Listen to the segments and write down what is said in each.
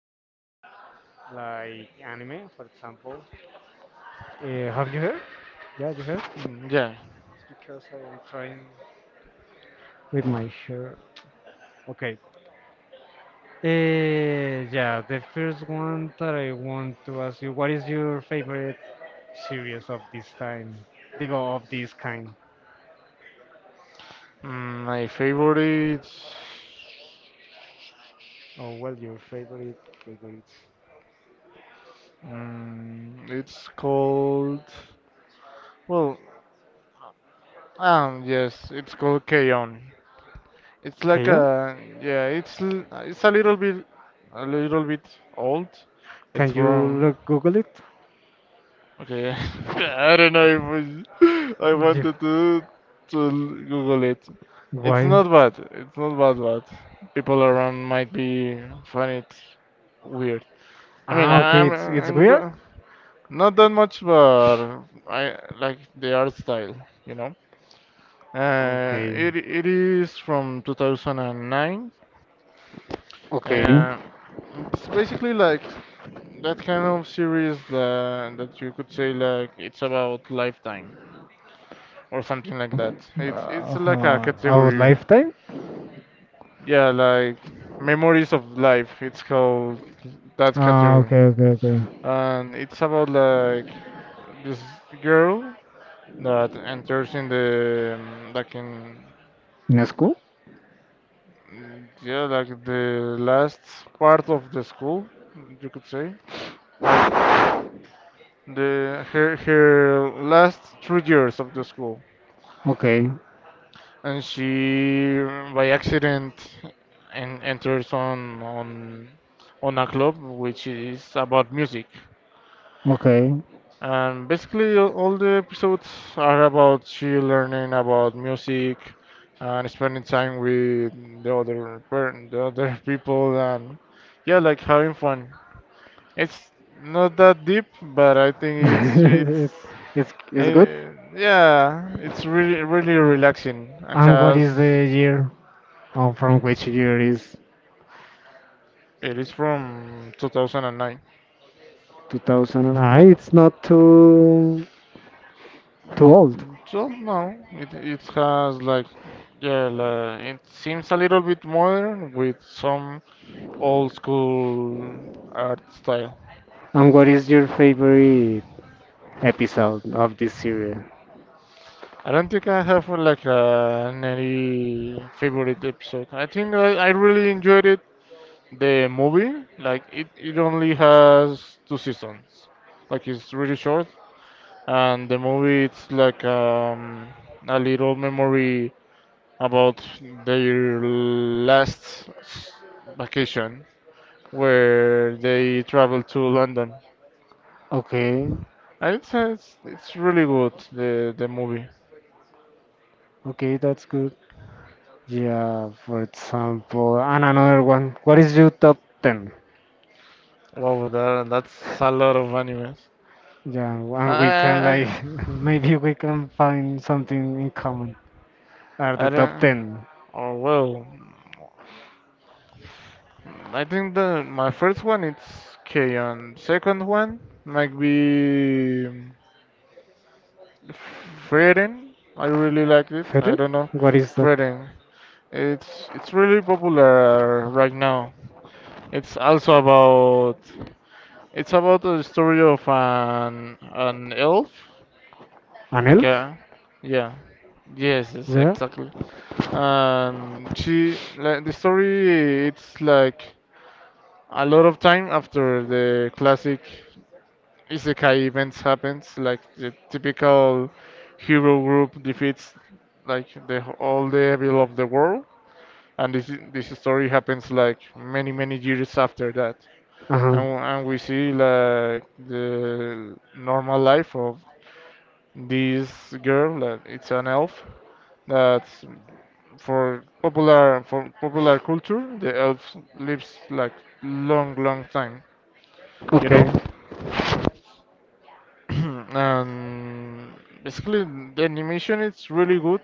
series, like anime, for example. Have you heard? Yeah, you heard? Mm, yeah. It's because I am trying with my shirt. Okay. Yeah, the first one that I want to ask you, what is your favorite series of this time? Digo, of this kind. My favorite. Oh, well, your favorite, favorite It's called. Well, yes, it's called Keon. It's like Kayon? a, yeah. It's a little bit a little bit old. It's Can you from. look Google it? Okay. I don't know if I Ye- wanted to Google it. It's Why? not bad. It's not bad, but people around might be find it weird. I mean, Ah, I- okay, I'm, it's I'm weird. go- not that much, but I like the art style, you know. Uh, Okay, it it is from 2009. okay. Uh, it's basically like that kind of series that you could say like it's about lifetime or something like that. It's it's like a Huh. Our category, lifetime? yeah, like memories of life. It's called that Ah, category, okay, okay, okay. and it's about like this girl that enters in the like in In a school? mm, yeah, like the last part of the school you could say like the her last 3 years of the school, Okay, and she by accident enters on a club which is about music. okay. And basically, all the episodes are about she learning about music and spending time with the other per the other people, and yeah, like having fun. It's not that deep, but I think it's It's good. eh, yeah, it's really really relaxing and And what is has the year? Oh, from which year is it is from 2009. 2009? It's not too old. So no, it has like yeah, like, it seems a little bit modern with some old school art style. And what is your favorite episode of this series? I don't think I have like, any favorite episode. I think I really enjoyed it. The movie, like it only has two seasons. Like it's really short, and the movie it's like a little memory about their last vacation where they traveled to London. Okay, And it's really good the movie. okay, that's good. Yeah, for example, and another one. What is your top 10? Wow, that's a lot of animes. Yeah, I, and we can I, like maybe we can find something in common. Are I the top don't. 10 Oh well, I think the my first one it's K-On. Second one might be Frieren. I really liked it. I fairy? don't know, What is that? Frieren. It's really popular right now. It's also about it's about the story of an elf. An elf? Okay, yeah, yes, yes, Yeah. exactly. And she like the story it's like a lot of time after the classic isekai events happens like the typical hero group defeats like the all the evil of the world, and this story happens like many years after that. Uh-huh. And we see like the normal life of this girl that it's an elf that for popular culture, the elf lives like long, long time, you Okay. know. And basically, the animation is really good.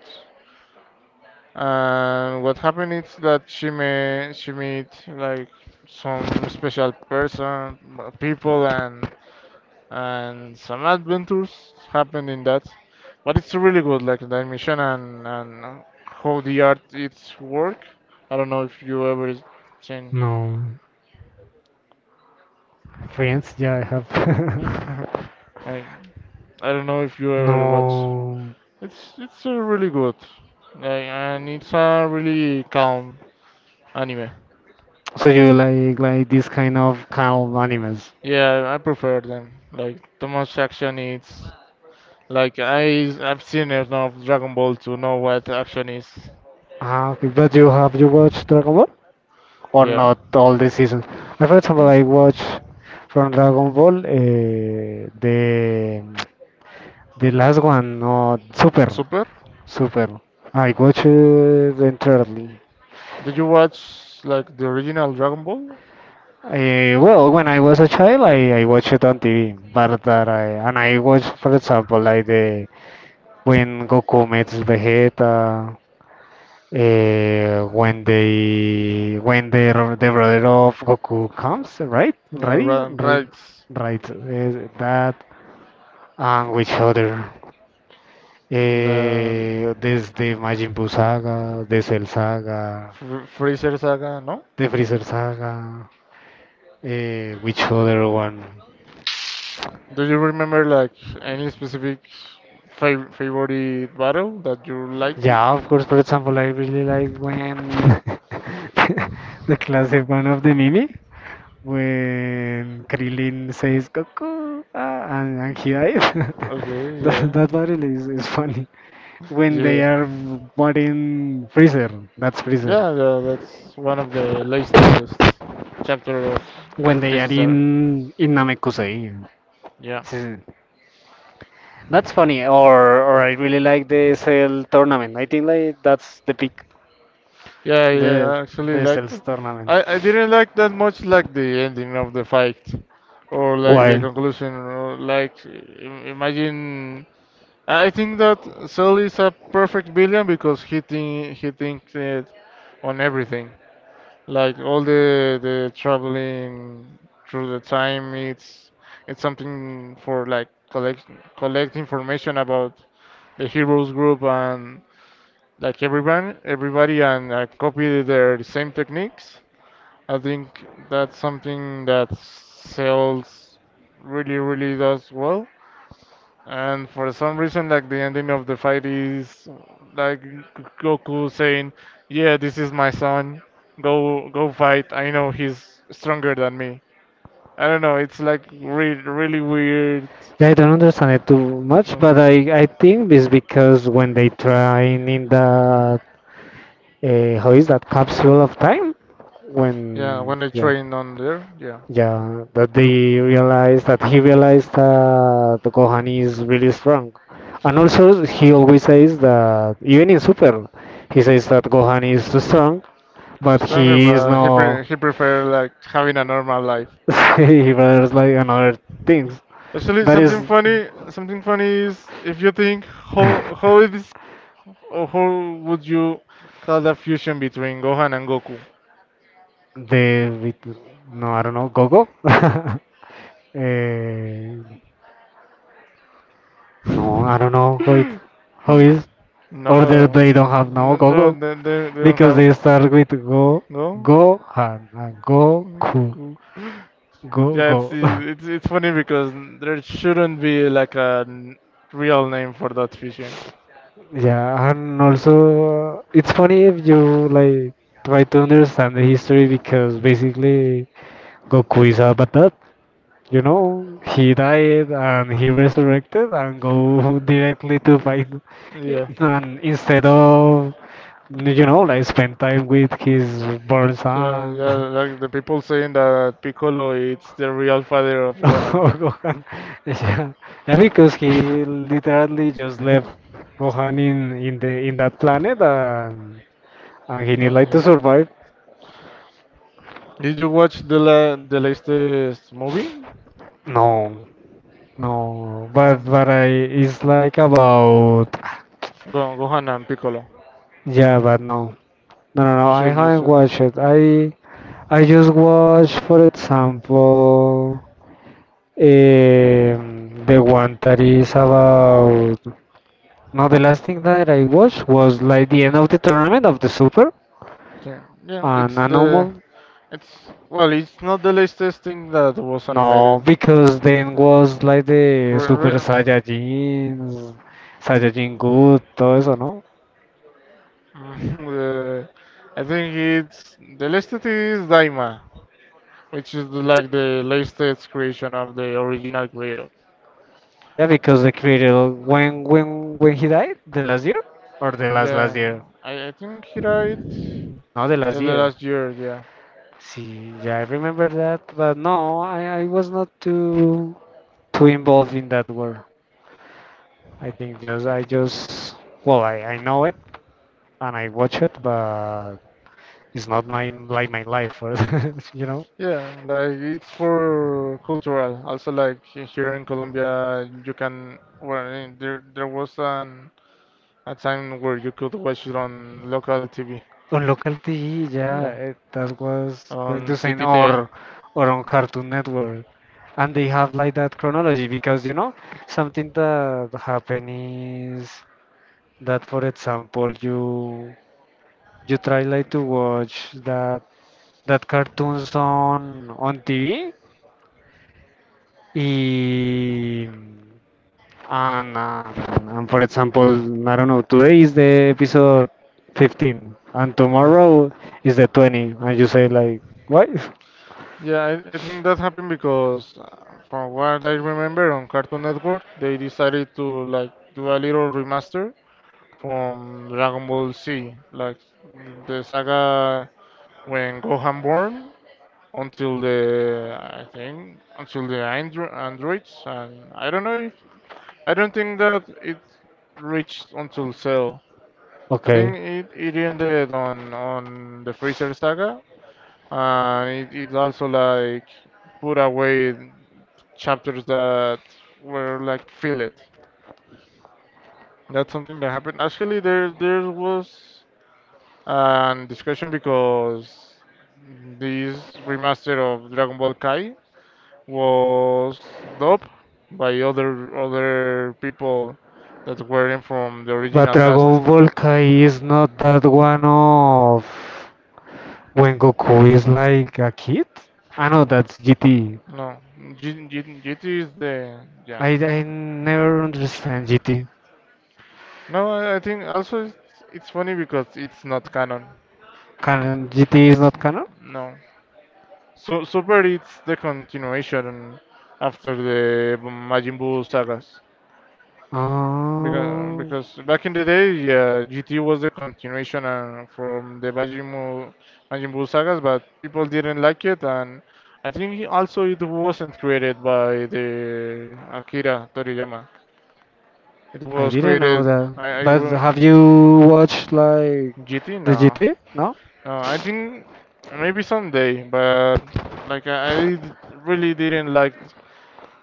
And what happened is that she meet like some special people, and some adventures happened in that. But it's really good, like the animation and how the art it's work. I don't know if you ever seen. No. Friends? Yeah, I have. I, I don't know if you ever watch. No. It's really good, like, and it's a really calm anime. So you like this kind of calm animals. Yeah, I prefer them. Like the most action is like I've seen enough Dragon Ball to know what action is. Ah, okay. But you watched Dragon Ball? Or Yeah, not all the seasons. Like, for example, yeah, I watch from Dragon Ball the last one, not Super, super. Super. I watched it entirely. Did you watch like the original Dragon Ball? Well, when I was a child, I watched it on TV, but that I and I watched, for example, like the when Goku meets Vegeta, when the brother of Goku comes, right? Yeah, Ready, right, Raditz, right. That and which other? and There's the Majin Buu saga, the Cell saga, Freezer Saga. No. the Freezer saga. Which other one? Do you remember like any specific favorite battle that you liked? Yeah, of course. For example, I really like when the classic one of the Mimi. When Krillin says Goku ah, and he dies. Okay, that yeah, that battle is funny. When yeah, they yeah. are fighting Freezer, that's Freezer. Yeah, that's one of the latest chapter of When they Freeza are Saga. in Namekusei, Yeah, s- that's funny. Or I really like the Cell tournament. I think like that's the peak. yeah, yeah. The I actually the liked Cell's it. tournament. I didn't like that much like the ending of the fight, or like the Why? conclusion, or like imagine. I think that Cell is a perfect villain because he thinks it on everything. Like all the traveling through the time, it's something for like collect information about the heroes group and like everyone everybody and copy their same techniques. I think that's something that sells really really does well. And for some reason, like the ending of the fight is like Goku saying, "Yeah, this is my son. Go, go fight. I know he's stronger than me." I don't know. It's like really weird. Yeah, I don't understand it too much, No. but I think it's because when they train. In the Uh, how is that capsule of time? Yeah, When when they yeah, train on there, yeah, yeah, that he realized that Gohan is really strong, and also he always says that even in Super, he says that Gohan is too strong, she's but stronger, he is but no, he prefer like having a normal life. he rather like another things. Actually, That is something funny is if you think how the how it is, or how would you call the fusion between Gohan and Goku? with- no, I don't know, Gogo. No, I don't know how is or they, No, they don't have no no, no, Gogo they don't because have they start with Go no. Gohan and Mm, Goku cool. Go Yeah, it's Go. it's it's funny because there shouldn't be like a real name for that fishing. Yeah, and also it's funny if you like try to understand the history because basically Goku is a batad. He died and he resurrected and go directly to fight, Yeah. and instead of like spend time with his born So son. yeah, like the people saying that Piccolo is the real father of Gohan. Oh, Gohan. Yeah. Yeah, because he literally just left Gohan in that planet and he need Oh, like to yeah. survive. Did you watch the la the latest movie? No, no, but Uh, I it's like about Go Gohan and Piccolo. yeah, but no, no, no, no. You I should, you haven't should. watched it. I just watched, for example, um, the one that is about. Now the last thing that I watched was like the end of the tournament of the Super, Yeah, yeah. and It's no the more. it's Well, it's not the latest thing that was No, animated. because then Uh, was like the Super well, Saiyajins, Saiyajin Good, todo eso, ¿no? the- I think it's the latest is Daima, which is like the latest creation of the original creator. Yeah, because the creator when he died, the last year or the last last Yeah, year? I think he died No, the last in the year. last year. Yeah, See, yeah, I remember that, but no, I was not too involved in that world. I think just I just well I know it and I watch it, but it's not my like my life or you know yeah, like it's for cultural. Also, like here in Colombia, you can well, there was an a time where you could watch it on local TV. on local TV yeah Yeah, that was going on to say or CTT. On Cartoon Network and they have like that chronology because something that happen is that for example you try like to watch that cartoons on TV y. And, uh, and for example, I don't know, today is the episode 15 and Yeah. tomorrow is the 20. And you say, like, what? Yeah, I think that happened because, from what I remember, on Cartoon Network, they decided to like do a little remaster from Dragon Ball Z, like the saga when Gohan born until the I think until the androids, and I don't think that it reached until Cell. I Okay. think it ended on the Freezer saga, and it also like put away chapters that were like filled. That's something that happened. Actually, there was a discussion because this remaster of Dragon Ball Kai was dubbed by other people that weren't from the But original cast. Dragon Ball Kai is not that one of when Goku is like a kid? I know that's GT. No, GT is the. Yeah. I never understand GT. No, I think also it's funny because it's not canon. Canon GT is It's not canon? no. So Super it's the continuation after the Majin Buu sagas. Because, Oh, because back in the day, yeah, GT was the continuation from the Majin Buu sagas, but people didn't like it, and I think also it wasn't created by the Akira Toriyama. It I was didn't know created, that. I But will, have you watched like GT? the No. GT? No? No, I think maybe someday, but like I really didn't like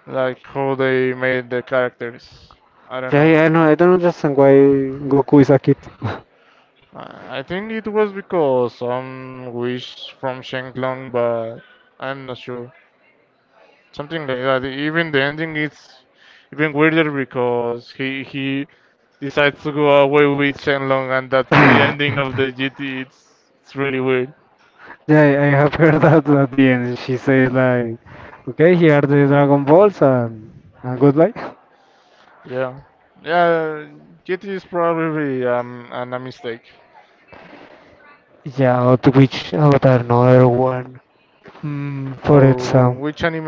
how they made the characters. I don't Yeah, know. yeah, no, I don't understand why Goku is Akito. I think it was because some wish from Shenlong, but I'm not sure. Something like that. Even the ending is even weirder because he decides to go away with Shenlong, and that's the ending of Yeah, the GT. It's really weird. I have heard that at the end. She says like, "Okay, here are the Dragon Balls and, goodbye." Yeah, yeah. GT is probably a mistake. Yeah, out which out another one. For Or example, which anime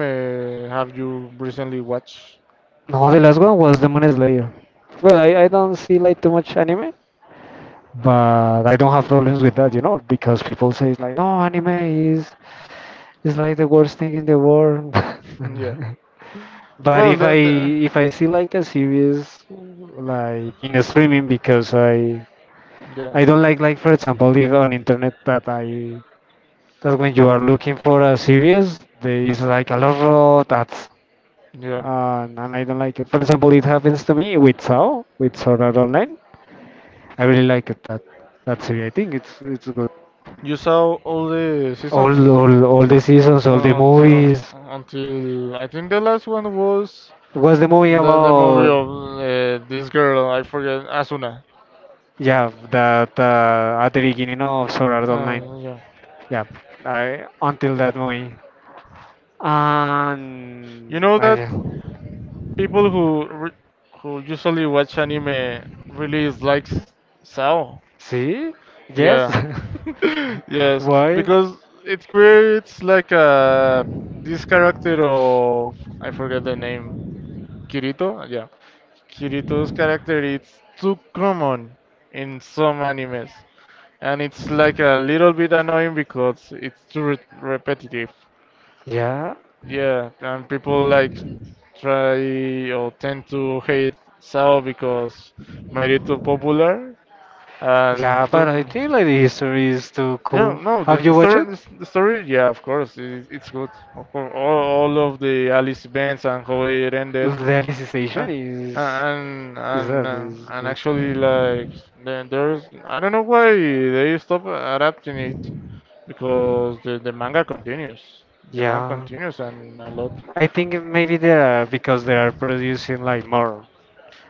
have you recently watched? no, the last one was Demon Slayer. Well, I don't see like too much anime, but I don't have problems with that, because people say like, no, anime is like the worst thing in the world. yeah. But Well, then, if I see like a series like in streaming because I yeah, I don't like for example if on internet that when you are oh, looking for a series there is like a lot of that yeah. And I don't like it. For example, it happens to me with Sao with Sword Art Online. I really like it that series. I think it's good. You saw all the All seasons all all the seasons, all the movies. until I think the last one was What's the movie the movie about? of this girl I forget Asuna. Yeah, that at the beginning of Sword Art Online. Yeah, Yeah, until that point. you And know that people who who usually watch anime really likes Sao. see? Yes? Yeah, yes, Why? because it creates like a this character of I forget the name Kirito. Yeah, Kirito's character is too common in some animes, and it's like a little bit annoying because it's too repetitive. Yeah, Yeah, and people like try or tend to hate Sao because made it too popular, and Yeah, but I to, think like the history is too yeah, cool. no, Have you watched it? The story, yeah, of course, it's good. Of course, all of the Alice events and how it The ended. Alicization Huh. Is is that is And good. actually, like there is, I don't know why they stop adapting it because the manga continues. The manga Yeah, continues and a lot. I think maybe they are because they are producing like more,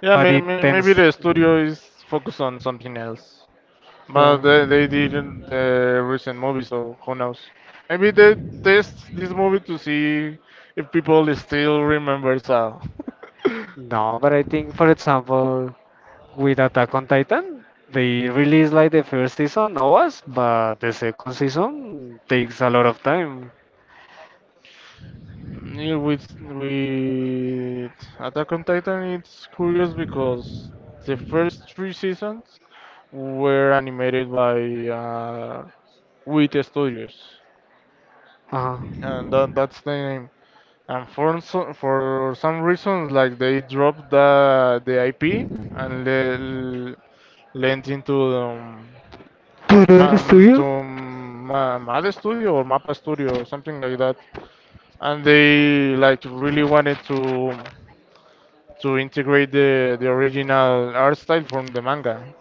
Yeah, but may, it may, maybe tends. the studio is focused on something else, but Yeah. they didn't the recent movie, so who knows? Maybe they test this movie to see if people still remember Sao. No, but I think, for example, with Attack on Titan, they released like the first season, OAS, but the second season takes a lot of time. Yeah, with Attack on Titan, it's curious because the first three seasons were animated by WIT Studios, Uh-huh. and that's the name. And for some reasons, like they dropped the IP and lent into ¿Pero eres tuyo? Mad Studio or Mappa Studio, something like that. And they like really wanted to integrate the original art style from the manga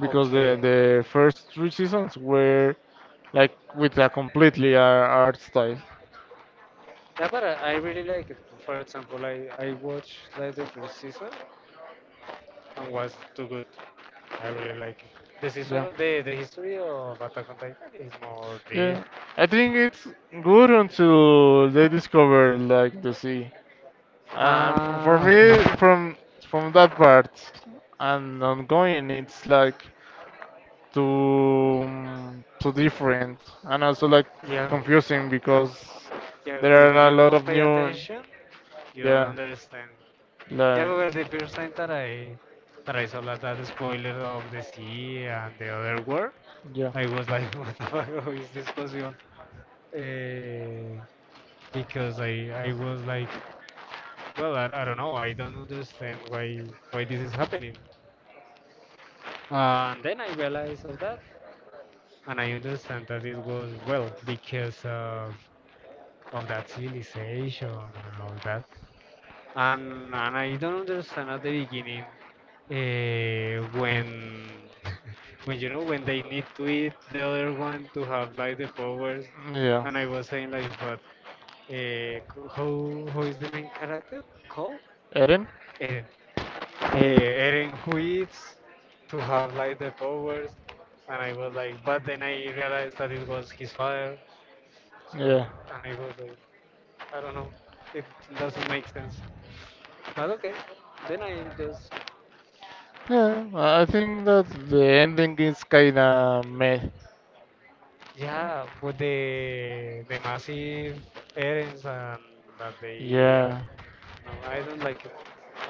because the, Okay. the first three seasons were like with a completely art style. Yeah, but I really like it. For example, I watched like the first season and was too good. I really like it. The Yeah, season, the, the history of Attack on Titan is more deep. yeah. I think it's good until they discover like the sea. For Ah, me, okay. from that part and ongoing, it's like too too different and also like Yeah, confusing because yeah. there If are a you lot don't of pay new. attention, you Yeah, don't understand. Yeah, like, but well, the first time that I saw like that spoiler of the sea and the other world, yeah, I was like, what the fuck how is this possible? Uh, because I was like well, I don't know. I don't understand why this is happening. And then I realized of that, and I understand that it was well because of that civilization and all that. And I don't understand at the beginning when when when they need to eat the other one to have like the powers. yeah. And I was saying like, but uh, how is the main character called? Eren? Eren. Eren who eats to have like the powers, and I was like, but then I realized that it was his father, so Yeah. and I was like, I don't know, it doesn't make sense. But okay, then I just Yeah, I think that the ending is kinda meh. yeah, with the massive errands and that they are, Yeah, no, I don't like it.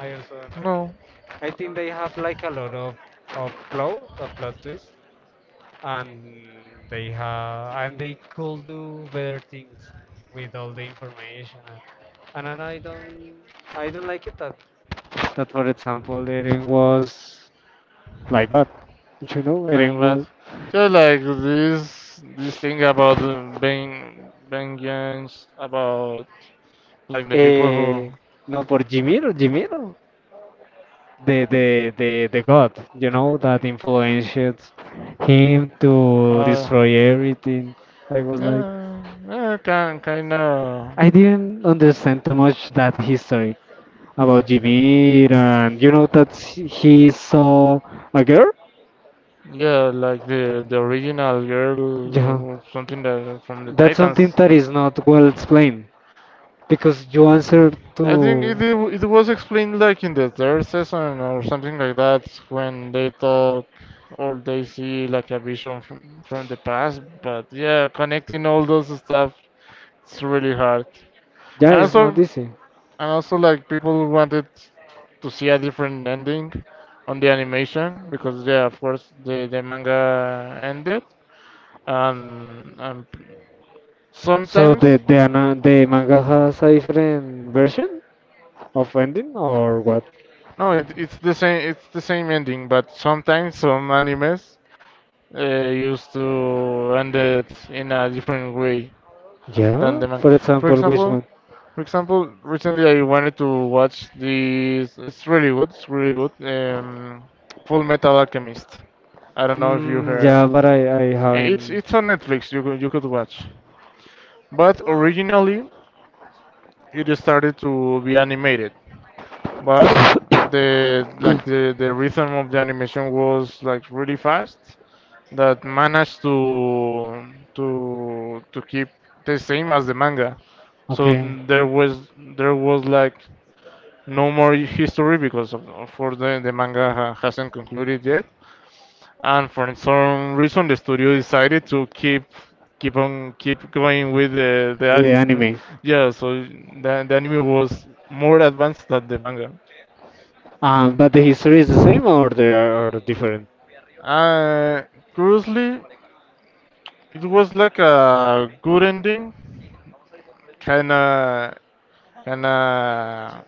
I also don't like it. no, I think they have like a lot of plot, a plot twist, and they have and they could do better things with all the information and then I don't like it that for example Eren was like that Eren like that. was Just like this thing about the being vengeance, about like the people who eh, no por Jimiro the god that influenced him to are, destroy everything. I was like yeah, yeah, can kinda, I didn't understand too much that history about Jimir, and you know that he saw a girl. yeah, like the original Yeah, girl, or something that from the that's something Titans. that is not well explained because you answer I think it to it was explained like in the third season or something like that when they talk or they see like a vision from the past. But yeah, connecting all those stuff it's really hard. yeah, it's not easy. And also like people wanted to see a different ending on the animation because yeah, of course the manga ended and So sometimes the manga has a different version of ending or what? no, it's the same. It's the same ending, but sometimes some animes used to end it in a different way than Yeah, the manga. for For example, which example, one? for example, recently I wanted to watch this. It's really good. It's really good. Um, Full Metal Alchemist. I don't know if you Mm, heard. yeah, but I It's haven't. it's on Netflix. You could watch. But originally it started to be animated. But the like the rhythm of the animation was like really fast that managed to to keep the same as the manga. So Okay, there was there was like no more history because of, for the manga hasn't concluded yet, and for some reason the studio decided to keep keep on keep going with the with anime. yeah. So the anime was more advanced than the manga. But the history is the same or they are different? Uh, Curiously, it was like a good ending, kinda and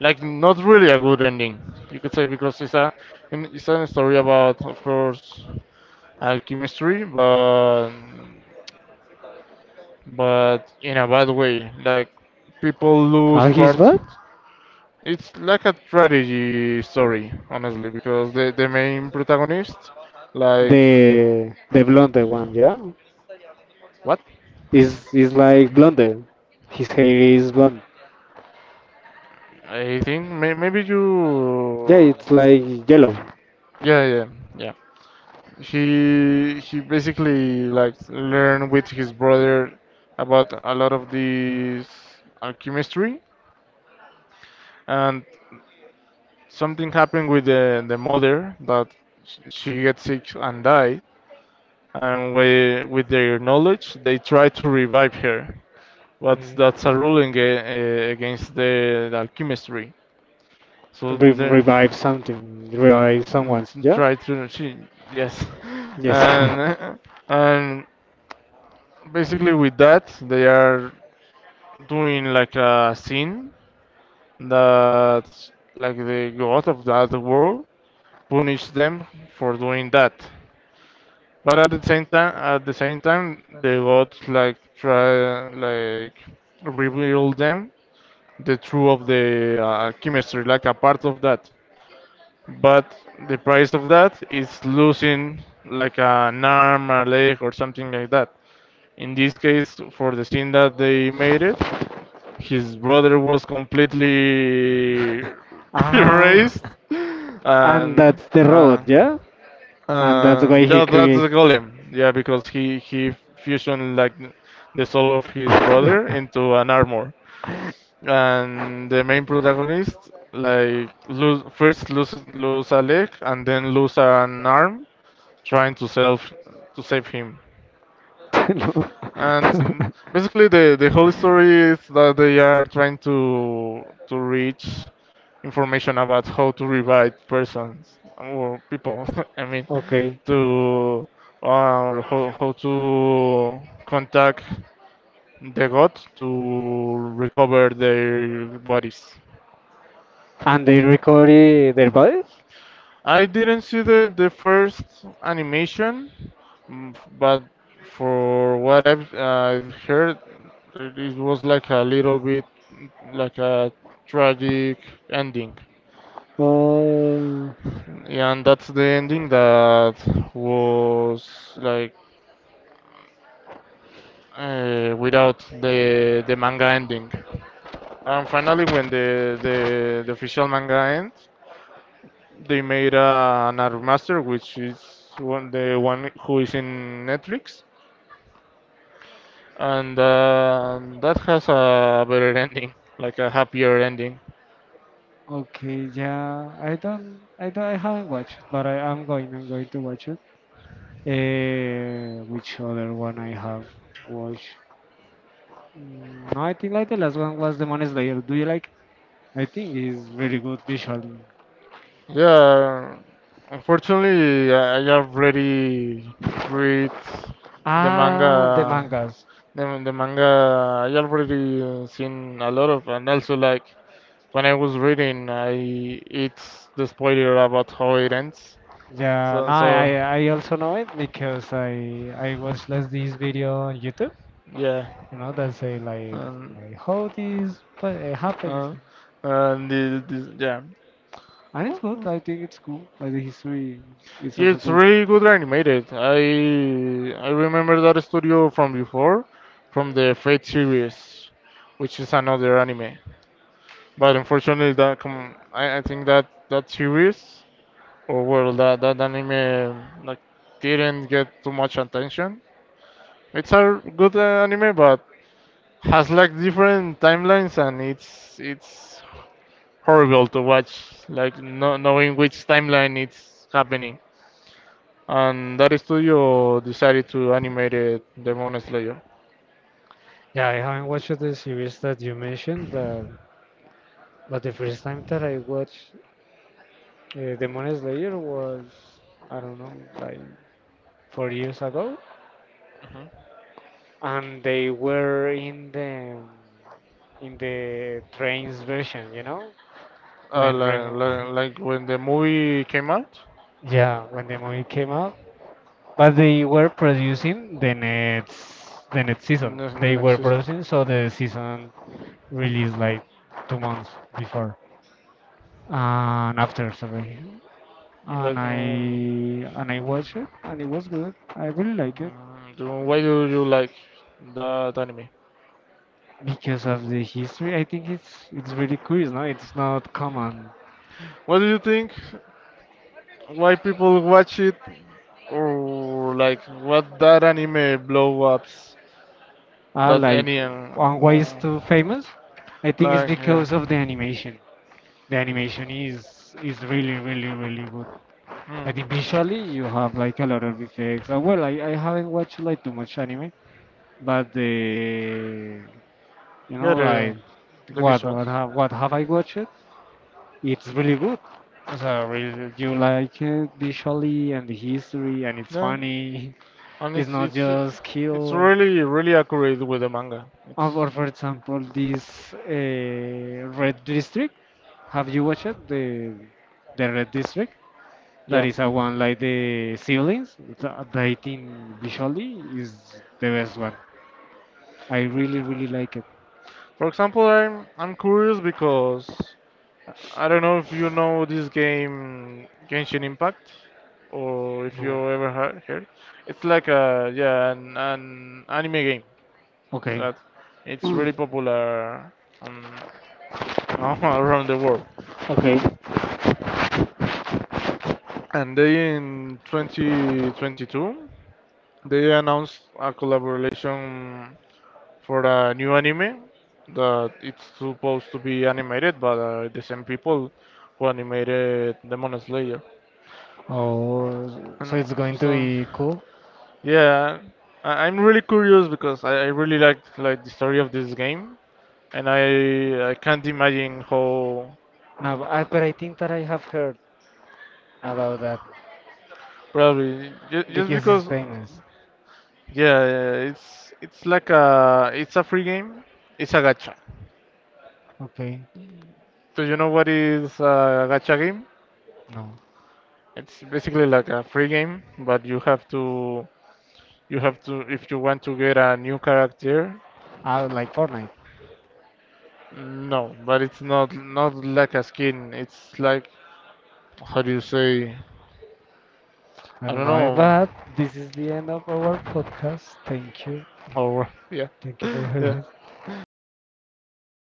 like not really a good ending, you could say, because it's a story about, of course, alchemistry, but in a bad way. Like people lose Ah, he's parts. what? It's like a tragedy story, honestly, because the main protagonist, like The blonde one, yeah, what? Is like blonde. His hair is blonde. I think maybe Yeah, you. it's like yellow. Yeah, yeah, yeah. He basically like learned with his brother about a lot of this alchemistry and something happened with the mother that she gets sick and died and we, with their knowledge they try to revive her but Mhm. that's a ruling against the alchemistry so Re- they revive something, revive mm, someone's. Yeah. try to she yes Yes. and and basically with that they are doing like a sin that like the god of that world punish them for doing that. But at the same time, at the same time, the gods like try like reveal them the truth of the chemistry, like a part of that. But the price of that is losing like an arm, a leg, or something like that. In this case, for the sin that they made it, his brother was completely ah, erased and and that's the road. uh, Yeah. And that's why he yeah that's created. the golem yeah because he fusioned like the soul of his brother into an armor and the main protagonist like lose, first loses lose a leg and then lose an arm trying to self to save him. No. And some, basically, the whole story is that they are trying to reach information about how to revive persons or people. I mean, Okay. to uh, how to contact the god to recover their bodies. And they record their bodies? I didn't see the first animation, mm, but for what I've heard, it was like a little bit like a tragic ending. Oh. Yeah, and that's the ending that was like without the manga ending. And finally, when the official manga ends, they made another master, which is one the one who is in Netflix and that has a better ending, like a happier ending. Okay, yeah. I don't. I don't. I haven't watched, but I am going. I'm going to watch it. Which other one I have watched? I think like the last one was Demon Slayer. Do you like? I think it's very good visually. Yeah, unfortunately, I already read the Ah, the manga. mangas. The manga I already seen a lot of, and also like when I was reading, I it's the spoiler about how it ends. Yeah, So no, so I also know it because I watched last this video on YouTube. yeah, You know that say and like how this happens. uh, and the, yeah. And it's good. Well, I think it's cool. Like the history is yeah, also it's cool. really good animated. I remember that studio from before, from the Fate series, which is another anime. But unfortunately, that I think that that series or well that that anime like didn't get too much attention. It's a good anime, but has like different timelines and it's horrible to watch. Like no knowing which timeline it's happening. And that studio decided to animate it, Demon Slayer. Yeah, I haven't watched the series that you mentioned, but the first time that I watched Demon Slayer was I don't know, like 4 years ago, Hmm. and they were in the trains version, when Ren, Like when the movie came out, yeah, when the movie came out. But they were producing the next season. In the They next were season. producing, so the season released like 2 months before and after, sorry. And Like, I watched it, and it was good. I really like it mm, why do you like that anime? because of the history. I think it's really curious, no? It's not common. What do you think? Why people watch it? Or like what that anime blow ups Uh, that like, any on why it's oh, too famous? I think it's like yeah, because of the animation. The animation is really, really, really good. mm, I think visually you have like a lot of effects. Well, I haven't watched like too much anime, but the yeah like the visuals. What have I watched? It's really good. So really, you like it visually and the history and it's Yeah, funny. and It's not just it's kill. really really accurate with the manga. Or It's for example, this Red District. Have you watched it? The Red District? That yeah. is a one like the siblings. The dating visually is the best one. I really really like it. For example, I'm curious because I don't know if you know this game Genshin Impact or if you No. ever heard. It's like a yeah an anime game Okay. that it's really popular um, around the world. Okay. And they in 2022 they announced a collaboration for a new anime that it's supposed to be animated by the same people who animated Demon Slayer. Oh, so And it's and going to so, be cool. yeah, I'm really curious because I really like the story of this game, and I can't imagine how No, but I think that I have heard about that probably just because it's because famous. yeah yeah, it's a free game, it's a gacha. Okay. Do you know what is a gacha game? No. It's basically like a free game, but you have to you have to if you want to get a new character. I like Fortnite. No, but it's not not like a skin. It's like how do you say? I I don't don't know, know. but this is the end of our podcast. Thank you. Or yeah, Thank you for having yeah. us. Thank